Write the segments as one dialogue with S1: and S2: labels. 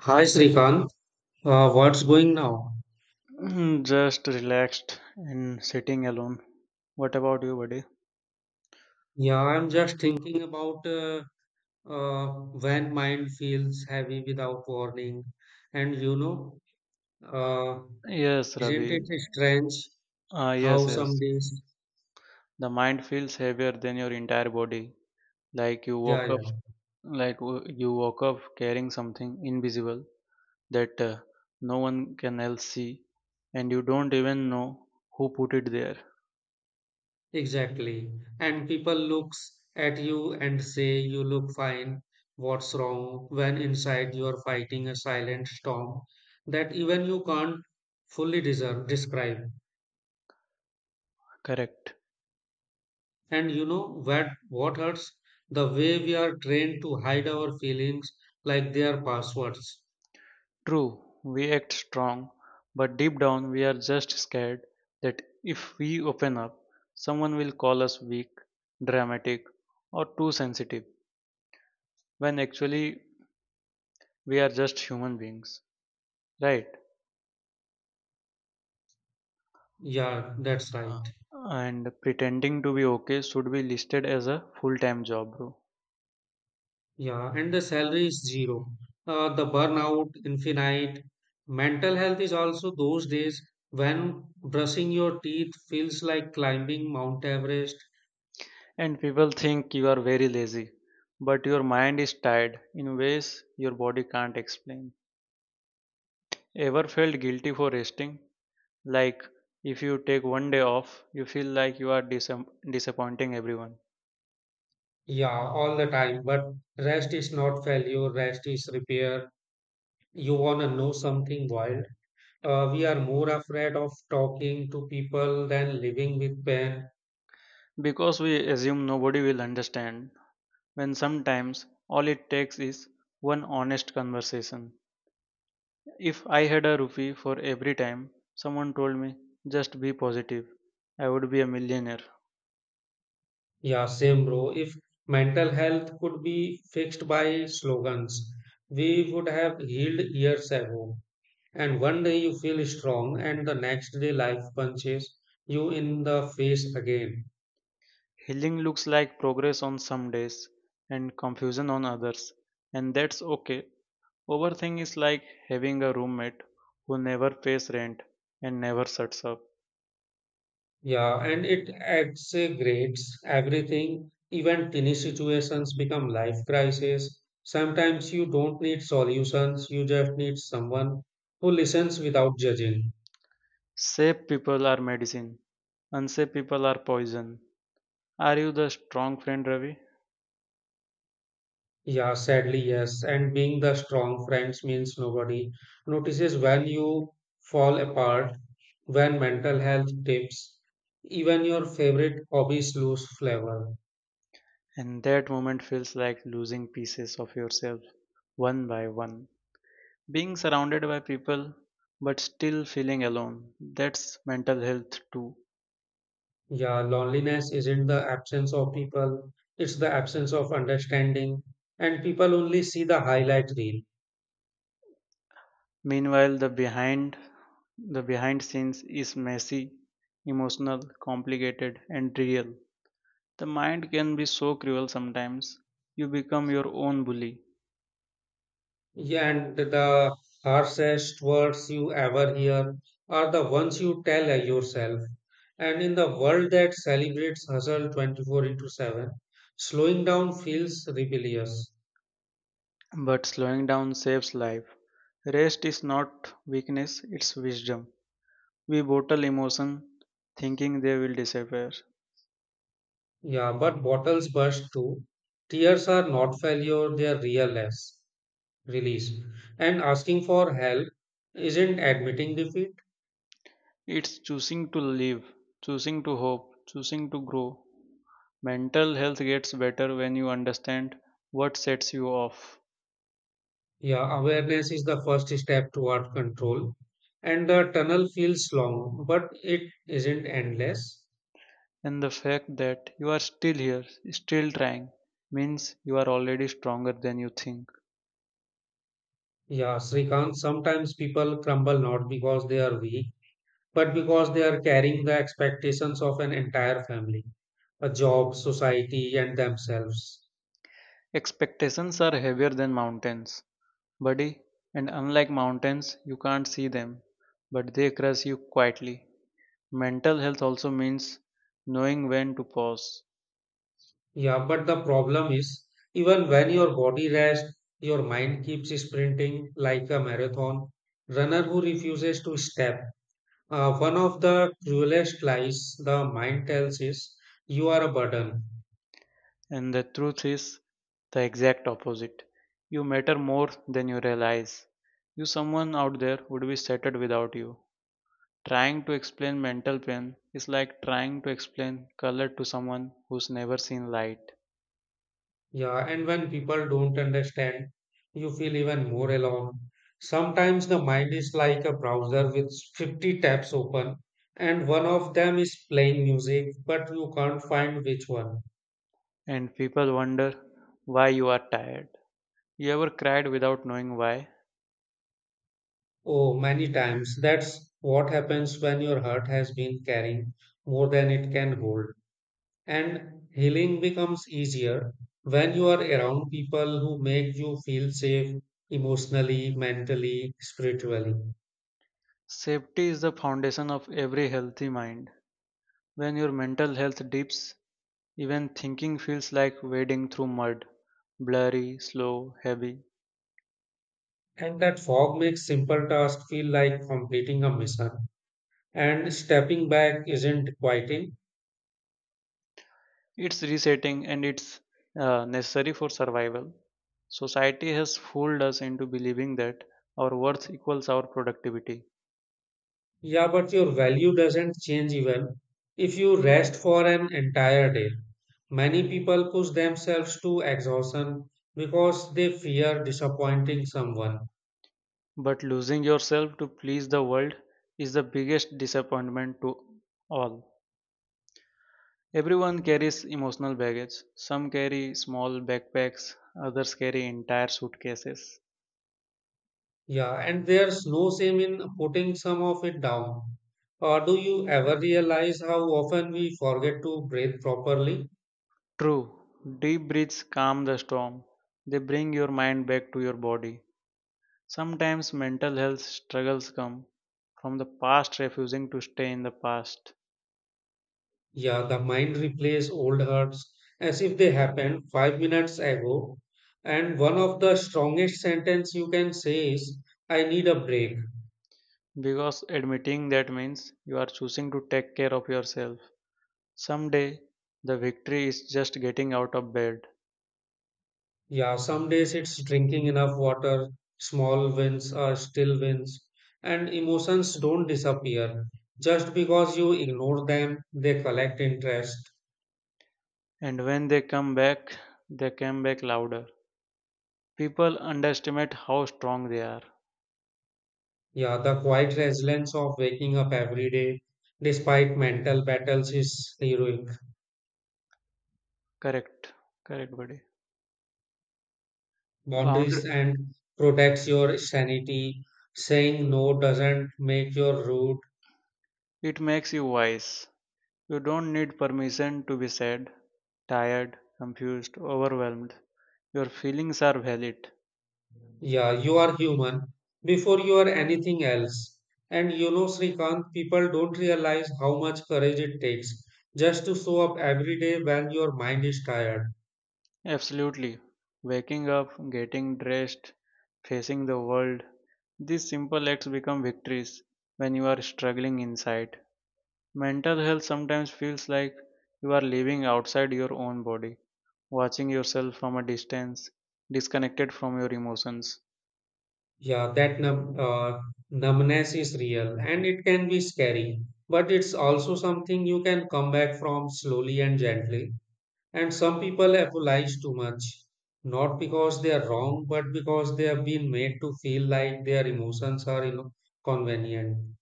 S1: Hi Srikanth, what's going now?
S2: Just relaxed and sitting alone. What about you, buddy?
S1: Yeah, I'm just thinking about uh, when mind feels heavy without warning. And uh,
S2: Yes,
S1: isn't it
S2: Ravi.
S1: strange how
S2: Yes,
S1: some
S2: yes.
S1: days?
S2: The mind feels heavier than your entire body. Like you
S1: Yeah,
S2: woke up,
S1: yeah,
S2: you woke up carrying something invisible that no one can else see, and you don't even know who put it there.
S1: exactly. And people looks at you and say you look fine. What's wrong? When inside you're fighting a silent storm that even you can't fully deserve, describe.
S2: Correct.
S1: And you know what hurts? The way we are trained to hide our feelings like they are passwords.
S2: True, we act strong, but deep down we are just scared that if we open up, someone will call us weak, dramatic, or too sensitive, when actually we are just human beings, right?
S1: Yeah, that's right.
S2: And pretending to be okay should be listed as a full time job, bro.
S1: Yeah, and the salary is zero. The burnout, infinite. Mental health is also those days when brushing your teeth feels like climbing Mount Everest.
S2: And people think you are very lazy, but your mind is tired in ways your body can't explain. Ever felt guilty for resting? Like if you take one day off, you feel like you are disappointing everyone
S1: Yeah, all the time. But rest is not failure, rest is repair. You want to know something wild? We are more afraid of talking to people than living with pain.
S2: because we assume nobody will understand when sometimes all it takes is one honest conversation. If I had a rupee for every time someone told me just be positive, I would be a millionaire.
S1: Yeah, same, bro. If mental health could be fixed by slogans, we would have healed years ago. And one day you feel strong, and the next day life punches you in the face again.
S2: Healing looks like progress on some days and confusion on others, and that's okay. Overthink is like having a roommate who never pays rent and never shuts up.
S1: Yeah, and it exaggerates everything. Even tiny situations become life crises. Sometimes you don't need solutions, you just need someone who listens without judging.
S2: Safe people are medicine, unsafe people are poison. Are you the strong friend, Ravi?
S1: Yeah, sadly, yes. And being the strong friends means nobody notices when you fall apart, when mental health dips, even your favorite hobbies lose flavor.
S2: And that moment feels like losing pieces of yourself one by one. Being surrounded by people but still feeling alone. That's mental health too.
S1: Yeah, loneliness isn't the absence of people, it's the absence of understanding. And people only see the highlight reel.
S2: Meanwhile, the behind scenes is messy, emotional, complicated and real. The mind can be so cruel sometimes. You become your own bully.
S1: Yeah, and the harshest words you ever hear are the ones you tell yourself. And in the world that celebrates hustle 24 into 7, slowing down feels rebellious.
S2: But slowing down saves life. Rest is not weakness, it's wisdom. We bottle emotion thinking they will disappear.
S1: Yeah, but bottles burst too. Tears are not failure, they are real less release. And asking for help isn't admitting defeat.
S2: It's choosing to live, choosing to hope, choosing to grow. Mental health gets better when you understand what sets you off.
S1: Yeah, awareness is the first step toward control, and the tunnel feels long, but it isn't endless.
S2: And the fact that you are still here, still trying, means you are already stronger than you think.
S1: Yeah, Srikant, sometimes people crumble not because they are weak, but because they are carrying the expectations of an entire family, a job, society, and themselves.
S2: Expectations are heavier than mountains. Buddy, and unlike mountains, you can't see them, but they crush you quietly. Mental health also means knowing when to pause,
S1: Yeah, but the problem is, even when your body rests, your mind keeps sprinting like a marathon runner who refuses to step. One of the cruelest lies the mind tells is you are a burden.
S2: and the truth is the exact opposite. You matter more than you realize. You, someone out there, would be shattered without you. Trying to explain mental pain is like trying to explain color to someone who's never seen light,
S1: Yeah, and when people don't understand, you feel even more alone. Sometimes the mind is like a browser with 50 tabs open, and one of them is playing music, but you can't find which one.
S2: and people wonder why you are tired. You ever cried without knowing why?
S1: Oh, many times that's what happens when your heart has been carrying more than it can hold. And healing becomes easier when you are around people who make you feel safe emotionally, mentally, spiritually.
S2: Safety is the foundation of every healthy mind. When your mental health dips, even thinking feels like wading through mud, blurry, slow, heavy.
S1: And that fog makes simple tasks feel like completing a mission. And stepping back isn't quieting.
S2: It's resetting and it's necessary for survival. Society has fooled us into believing that our worth equals our productivity.
S1: Yeah, but your value doesn't change even if you rest for an entire day. Many people push themselves to exhaustion because they fear disappointing someone.
S2: But losing yourself to please the world is the biggest disappointment to all. Everyone carries emotional baggage. Some carry small backpacks, others carry entire suitcases.
S1: Yeah, and there's no shame in putting some of it down. Or do you ever realize how often we forget to breathe properly?
S2: True, deep breaths calm the storm. They bring your mind back to your body. Sometimes mental health struggles come from the past refusing to stay in the past.
S1: Yeah, the mind replays old hurts as if they happened 5 minutes ago. And one of the strongest sentence you can say is, I need a break.
S2: Because admitting that means you are choosing to take care of yourself. Someday, the victory is just getting out of bed.
S1: Yeah, some days it's drinking enough water, small wins are still wins, and emotions don't disappear. Just because you ignore them, they collect interest.
S2: And when they come back louder. People underestimate how strong they are.
S1: Yeah, the quiet resilience of waking up every day despite mental battles is heroic.
S2: Correct. Correct, buddy. Boundary
S1: Boundaries and protects your sanity. Saying no doesn't make your rude.
S2: it makes you wise. You don't need permission to be sad, tired, confused, overwhelmed. Your feelings are valid.
S1: Yeah, you are human before you are anything else. And you know, Srikant, people don't realize how much courage it takes just to show up every day when your mind is tired.
S2: Absolutely. Waking up, getting dressed, facing the world. These simple acts become victories when you are struggling inside. Mental health sometimes feels like you are living outside your own body, watching yourself from a distance, disconnected from your emotions.
S1: Yeah, that numbness is real and it can be scary, but it's also something you can come back from slowly and gently. And some people apologize too much, not because they are wrong, but because they have been made to feel like their emotions are you know convenient.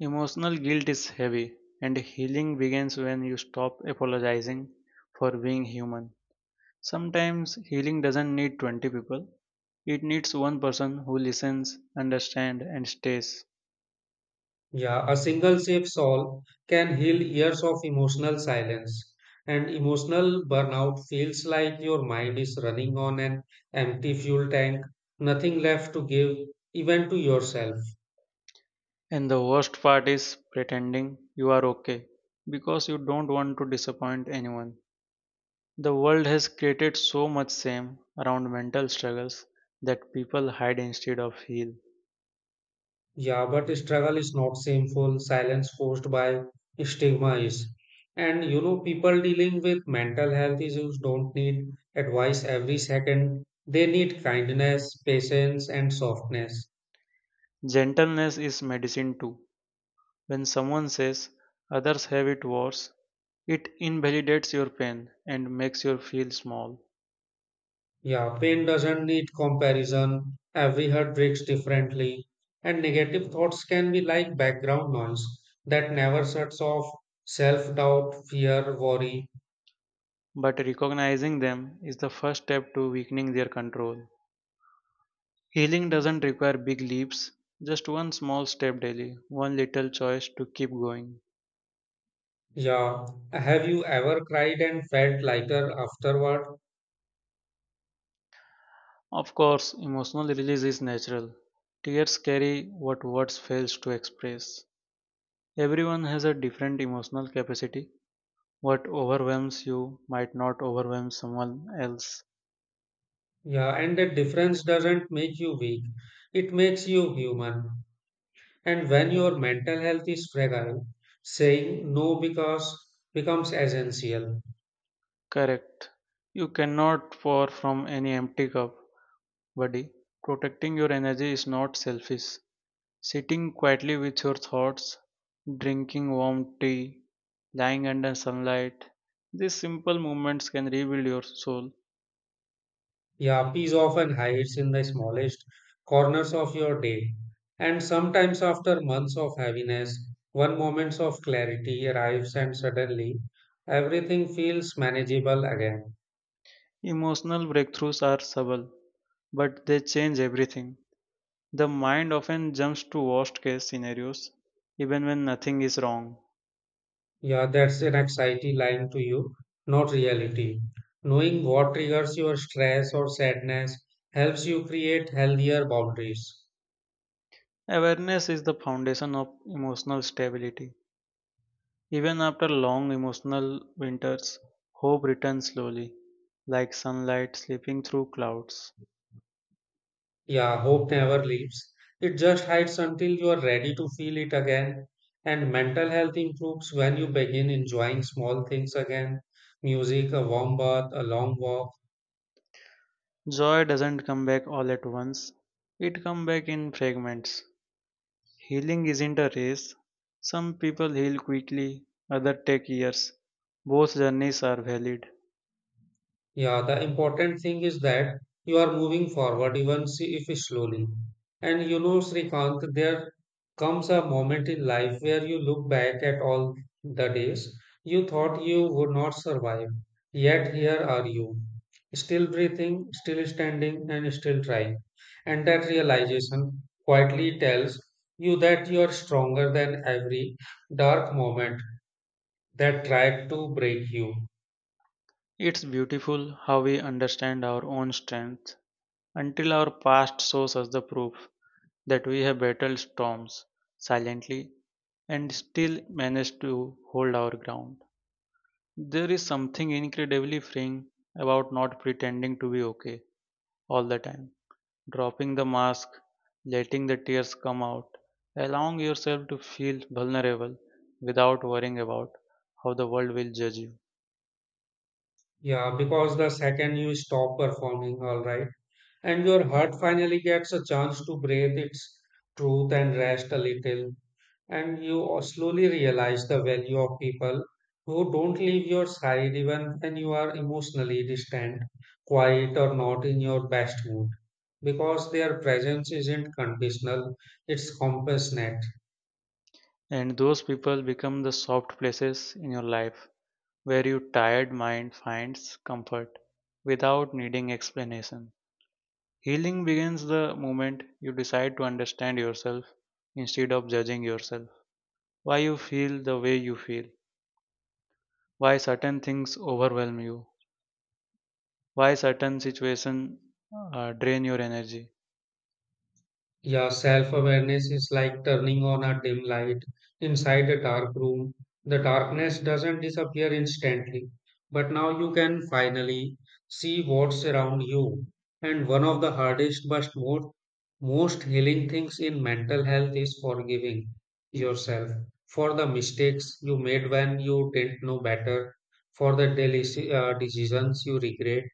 S2: Emotional guilt is heavy, and healing begins when you stop apologizing for being human. Sometimes healing doesn't need 20 people, it needs one person who listens, understands, and stays.
S1: Yeah, a single safe solve can heal years of emotional silence. And emotional burnout feels like your mind is running on an empty fuel tank, nothing left to give, even to yourself.
S2: And the worst part is pretending you are okay because you don't want to disappoint anyone. The world has created so much shame around mental struggles that people hide instead of heal.
S1: Yeah, but struggle is not shameful, silence forced by stigma is. And you know, people dealing with mental health issues don't need advice every second, they need kindness, patience, and softness.
S2: Gentleness is medicine too. When someone says others have it worse, it invalidates your pain and makes you feel small.
S1: Yeah, pain doesn't need comparison. Every heart breaks differently, and negative thoughts can be like background noise that never shuts off. Self doubt, fear, worry.
S2: But recognizing them is the first step to weakening their control. Healing doesn't require big leaps, just one small step daily, one little choice to keep going.
S1: Yeah. Have you ever cried and felt lighter afterward?
S2: Of course, emotional release is natural. Tears carry what words fails to express. Everyone has a different emotional capacity. What overwhelms you might not overwhelm someone else.
S1: Yeah, and the difference doesn't make you weak, it makes you human. And when your mental health is fragile, saying no because becomes essential.
S2: Correct. You cannot pour from any empty cup, buddy. Protecting your energy is not selfish. Sitting quietly with your thoughts, drinking warm tea, lying under sunlight, these simple movements can rebuild your soul.
S1: Yeah, peace often hides in the smallest corners of your day. And sometimes, after months of heaviness, one moment of clarity arrives and suddenly everything feels manageable again.
S2: Emotional breakthroughs are subtle, but they change everything. The mind often jumps to worst case scenarios, even when nothing is wrong.
S1: Yeah, that's an anxiety lying to you, not reality. Knowing what triggers your stress or sadness helps you create healthier boundaries.
S2: Awareness is the foundation of emotional stability. Even after long emotional winters, hope returns slowly, like sunlight slipping through clouds.
S1: Yeah, hope never leaves. It just hides until you are ready to feel it again. And mental health improves when you begin enjoying small things again. Music, a warm bath, a long walk.
S2: Joy doesn't come back all at once, it comes back in fragments. Healing isn't a race. Some people heal quickly, others take years. Both journeys are valid.
S1: Yeah, the important thing is that you are moving forward, even if slowly. And you know, Srikanth, there comes a moment in life where you look back at all the days you thought you would not survive. Yet here are you, still breathing, still standing, and still trying. And that realization quietly tells you that you are stronger than every dark moment that tried to break you.
S2: It's beautiful how we understand our own strength until our past shows us the proof that we have battled storms silently and still managed to hold our ground. There is something incredibly freeing about not pretending to be okay all the time. Dropping the mask, letting the tears come out, allowing yourself to feel vulnerable without worrying about how the world will judge you.
S1: Yeah, because the second you stop performing, all right, and your heart finally gets a chance to breathe its truth and rest a little, and you slowly realize the value of people who don't leave your side even when you are emotionally distant, quiet, or not in your best mood, because their presence isn't conditional, it's compassionate.
S2: And those people become the soft places in your life where your tired mind finds comfort without needing explanation. Healing begins the moment you decide to understand yourself instead of judging yourself. Why you feel the way you feel, why certain things overwhelm you, why certain situation drain your energy.
S1: Yeah, self-awareness is like turning on a dim light inside a dark room. The darkness doesn't disappear instantly, but now you can finally see what's around you. And one of the hardest but most healing things in mental health is forgiving yourself for the mistakes you made when you didn't know better, for the decisions you regret,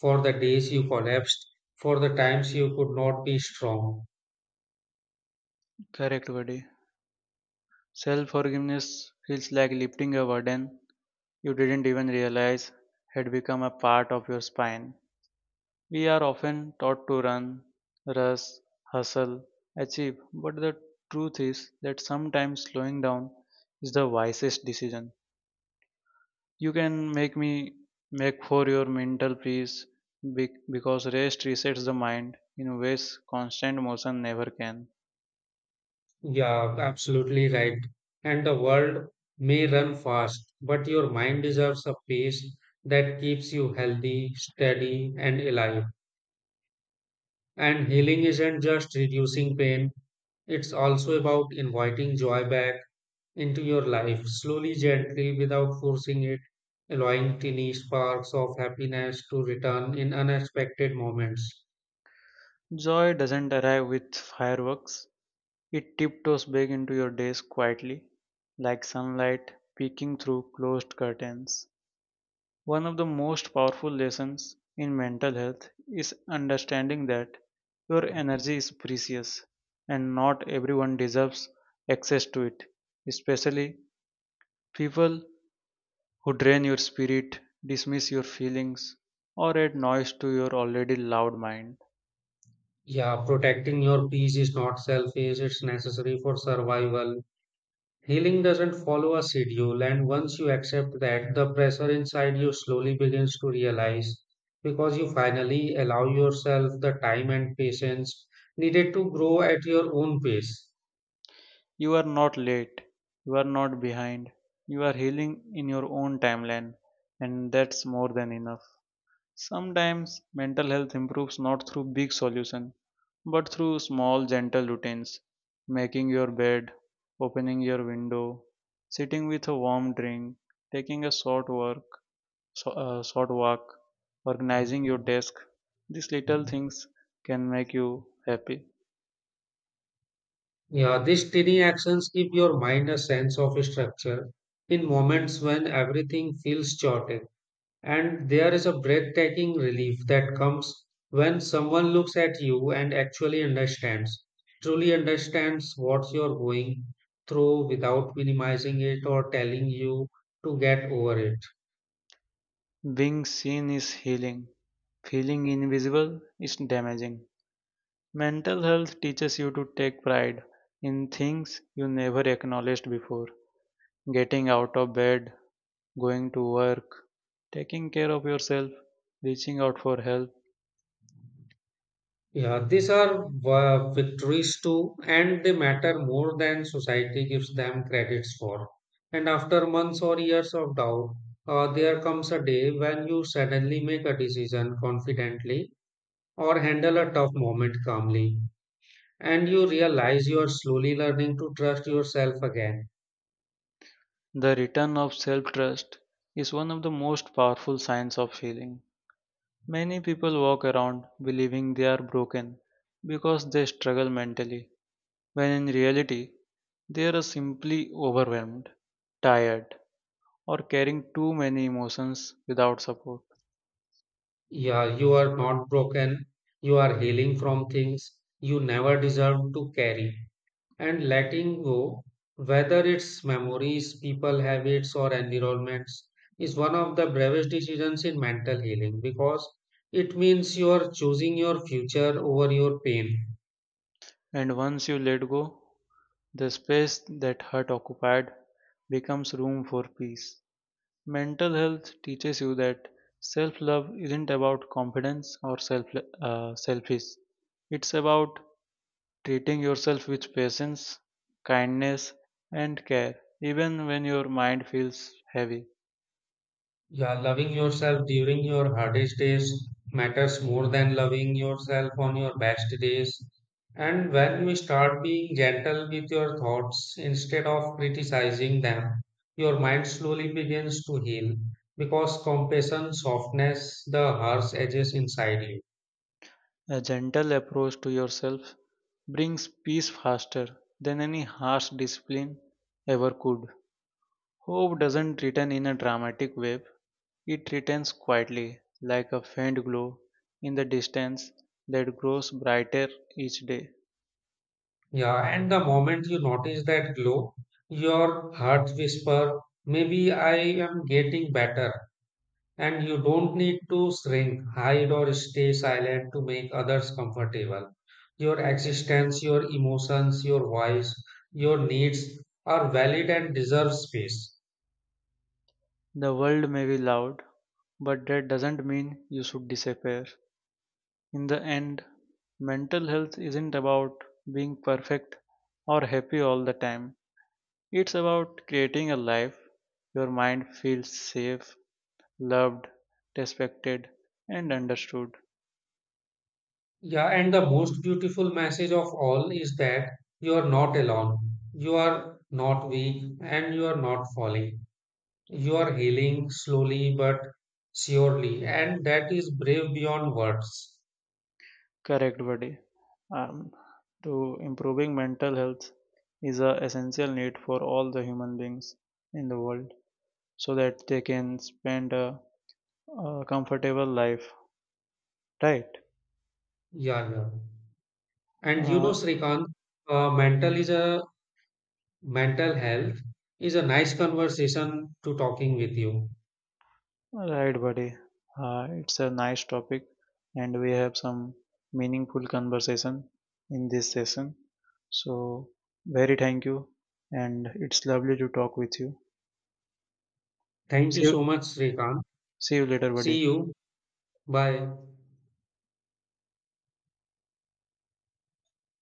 S1: for the days you collapsed, for the times you could not be strong.
S2: Correct, buddy. Self forgiveness feels like lifting a burden you didn't even realize had become a part of your spine. We are often taught to run, rush, hustle, achieve, but the truth is that sometimes slowing down is the wisest decision you can make me make for your mental peace, because rest resets the mind in ways constant motion never can.
S1: Yeah, absolutely right. And the world may run fast, but your mind deserves a pace that keeps you healthy, steady, and alive. And healing isn't just reducing pain, it's also about inviting joy back into your life, slowly, gently, without forcing it, allowing tiny sparks of happiness to return in unexpected moments.
S2: Joy doesn't arrive with fireworks, it tiptoes back into your days quietly, like sunlight peeking through closed curtains. One of the most powerful lessons in mental health is understanding that your energy is precious and not everyone deserves access to it, especially people who drain your spirit, dismiss your feelings, or add noise to your already loud mind.
S1: Yeah, protecting your peace is not selfish, it's necessary for survival. Healing doesn't follow a schedule, and once you accept that, the pressure inside you slowly begins to realize because you finally allow yourself the time and patience needed to grow at your own pace.
S2: You are not late, you are not behind, you are healing in your own timeline, and that's more than enough. Sometimes mental health improves not through big solution, but through small gentle routines, making your bed, opening your window, sitting with a warm drink, taking a short walk, organizing your desk. These little things can make you happy.
S1: Yeah, these tiny actions give your mind a sense of structure in moments when everything feels chaotic. And there is a breathtaking relief that comes when someone looks at you and actually understands, truly understands what you're going through without minimizing it or telling you to get over it.
S2: Being seen is healing; feeling invisible is damaging. Mental health teaches you to take pride in things you never acknowledged before. Getting out of bed, going to work, taking care of yourself, reaching out for help.
S1: Yeah, these are victories too, and they matter more than society gives them credits for. And after months or years of doubt, there comes a day when you suddenly make a decision confidently or handle a tough moment calmly and you realize you are slowly learning to trust yourself again.
S2: The return of self trust is one of the most powerful signs of healing. Many people walk around believing they are broken because they struggle mentally. When in reality they are simply overwhelmed, tired, or carrying too many emotions without support.
S1: Yeah, you are not broken, you are healing from things you never deserved to carry. And letting go, whether it's memories, people, habits, or environments, is one of the bravest decisions in mental healing because it means you are choosing your future over your pain.
S2: And once you let go, the space that hurt occupied becomes room for peace. Mental health teaches you that self love isn't about confidence or selfish. It's about treating yourself with patience, kindness, and care, even when your mind feels heavy.
S1: Yeah, loving yourself during your hardest days matters more than loving yourself on your best days. And when we start being gentle with your thoughts instead of criticizing them, your mind slowly begins to heal because compassion softens the harsh edges inside you.
S2: A gentle approach to yourself brings peace faster than any harsh discipline ever could. Hope doesn't return in a dramatic wave, it returns quietly, like a faint glow in the distance that grows brighter each day.
S1: Yeah, and the moment you notice that glow, your heart whisper, maybe I am getting better. And you don't need to shrink, hide, or stay silent to make others comfortable. Your existence, your emotions, your voice, your needs are valid and deserve space.
S2: The world may be loud, but that doesn't mean you should disappear. In the end, mental health isn't about being perfect or happy all the time. It's about creating a life your mind feels safe, loved, respected, and understood.
S1: Yeah, and the most beautiful message of all is that you are not alone, you are not weak, and you are not falling. You are healing slowly but surely, and that is brave beyond words.
S2: Correct, buddy. Um, to improving mental health is a essential need for all the human beings in the world so that they can spend a comfortable life, right?
S1: Yeah, yeah. And you know,
S2: Uh,
S1: Srikant, uh, mental is a mental health is a nice conversation to talking with you.
S2: Right, buddy. It's a nice topic, and we have some meaningful conversation in this session. So, very thank you, and it's lovely to talk with you.
S1: Thank you
S2: See you,
S1: so much, Srikant.
S2: see you later,
S1: See
S2: buddy.
S1: you. Bye.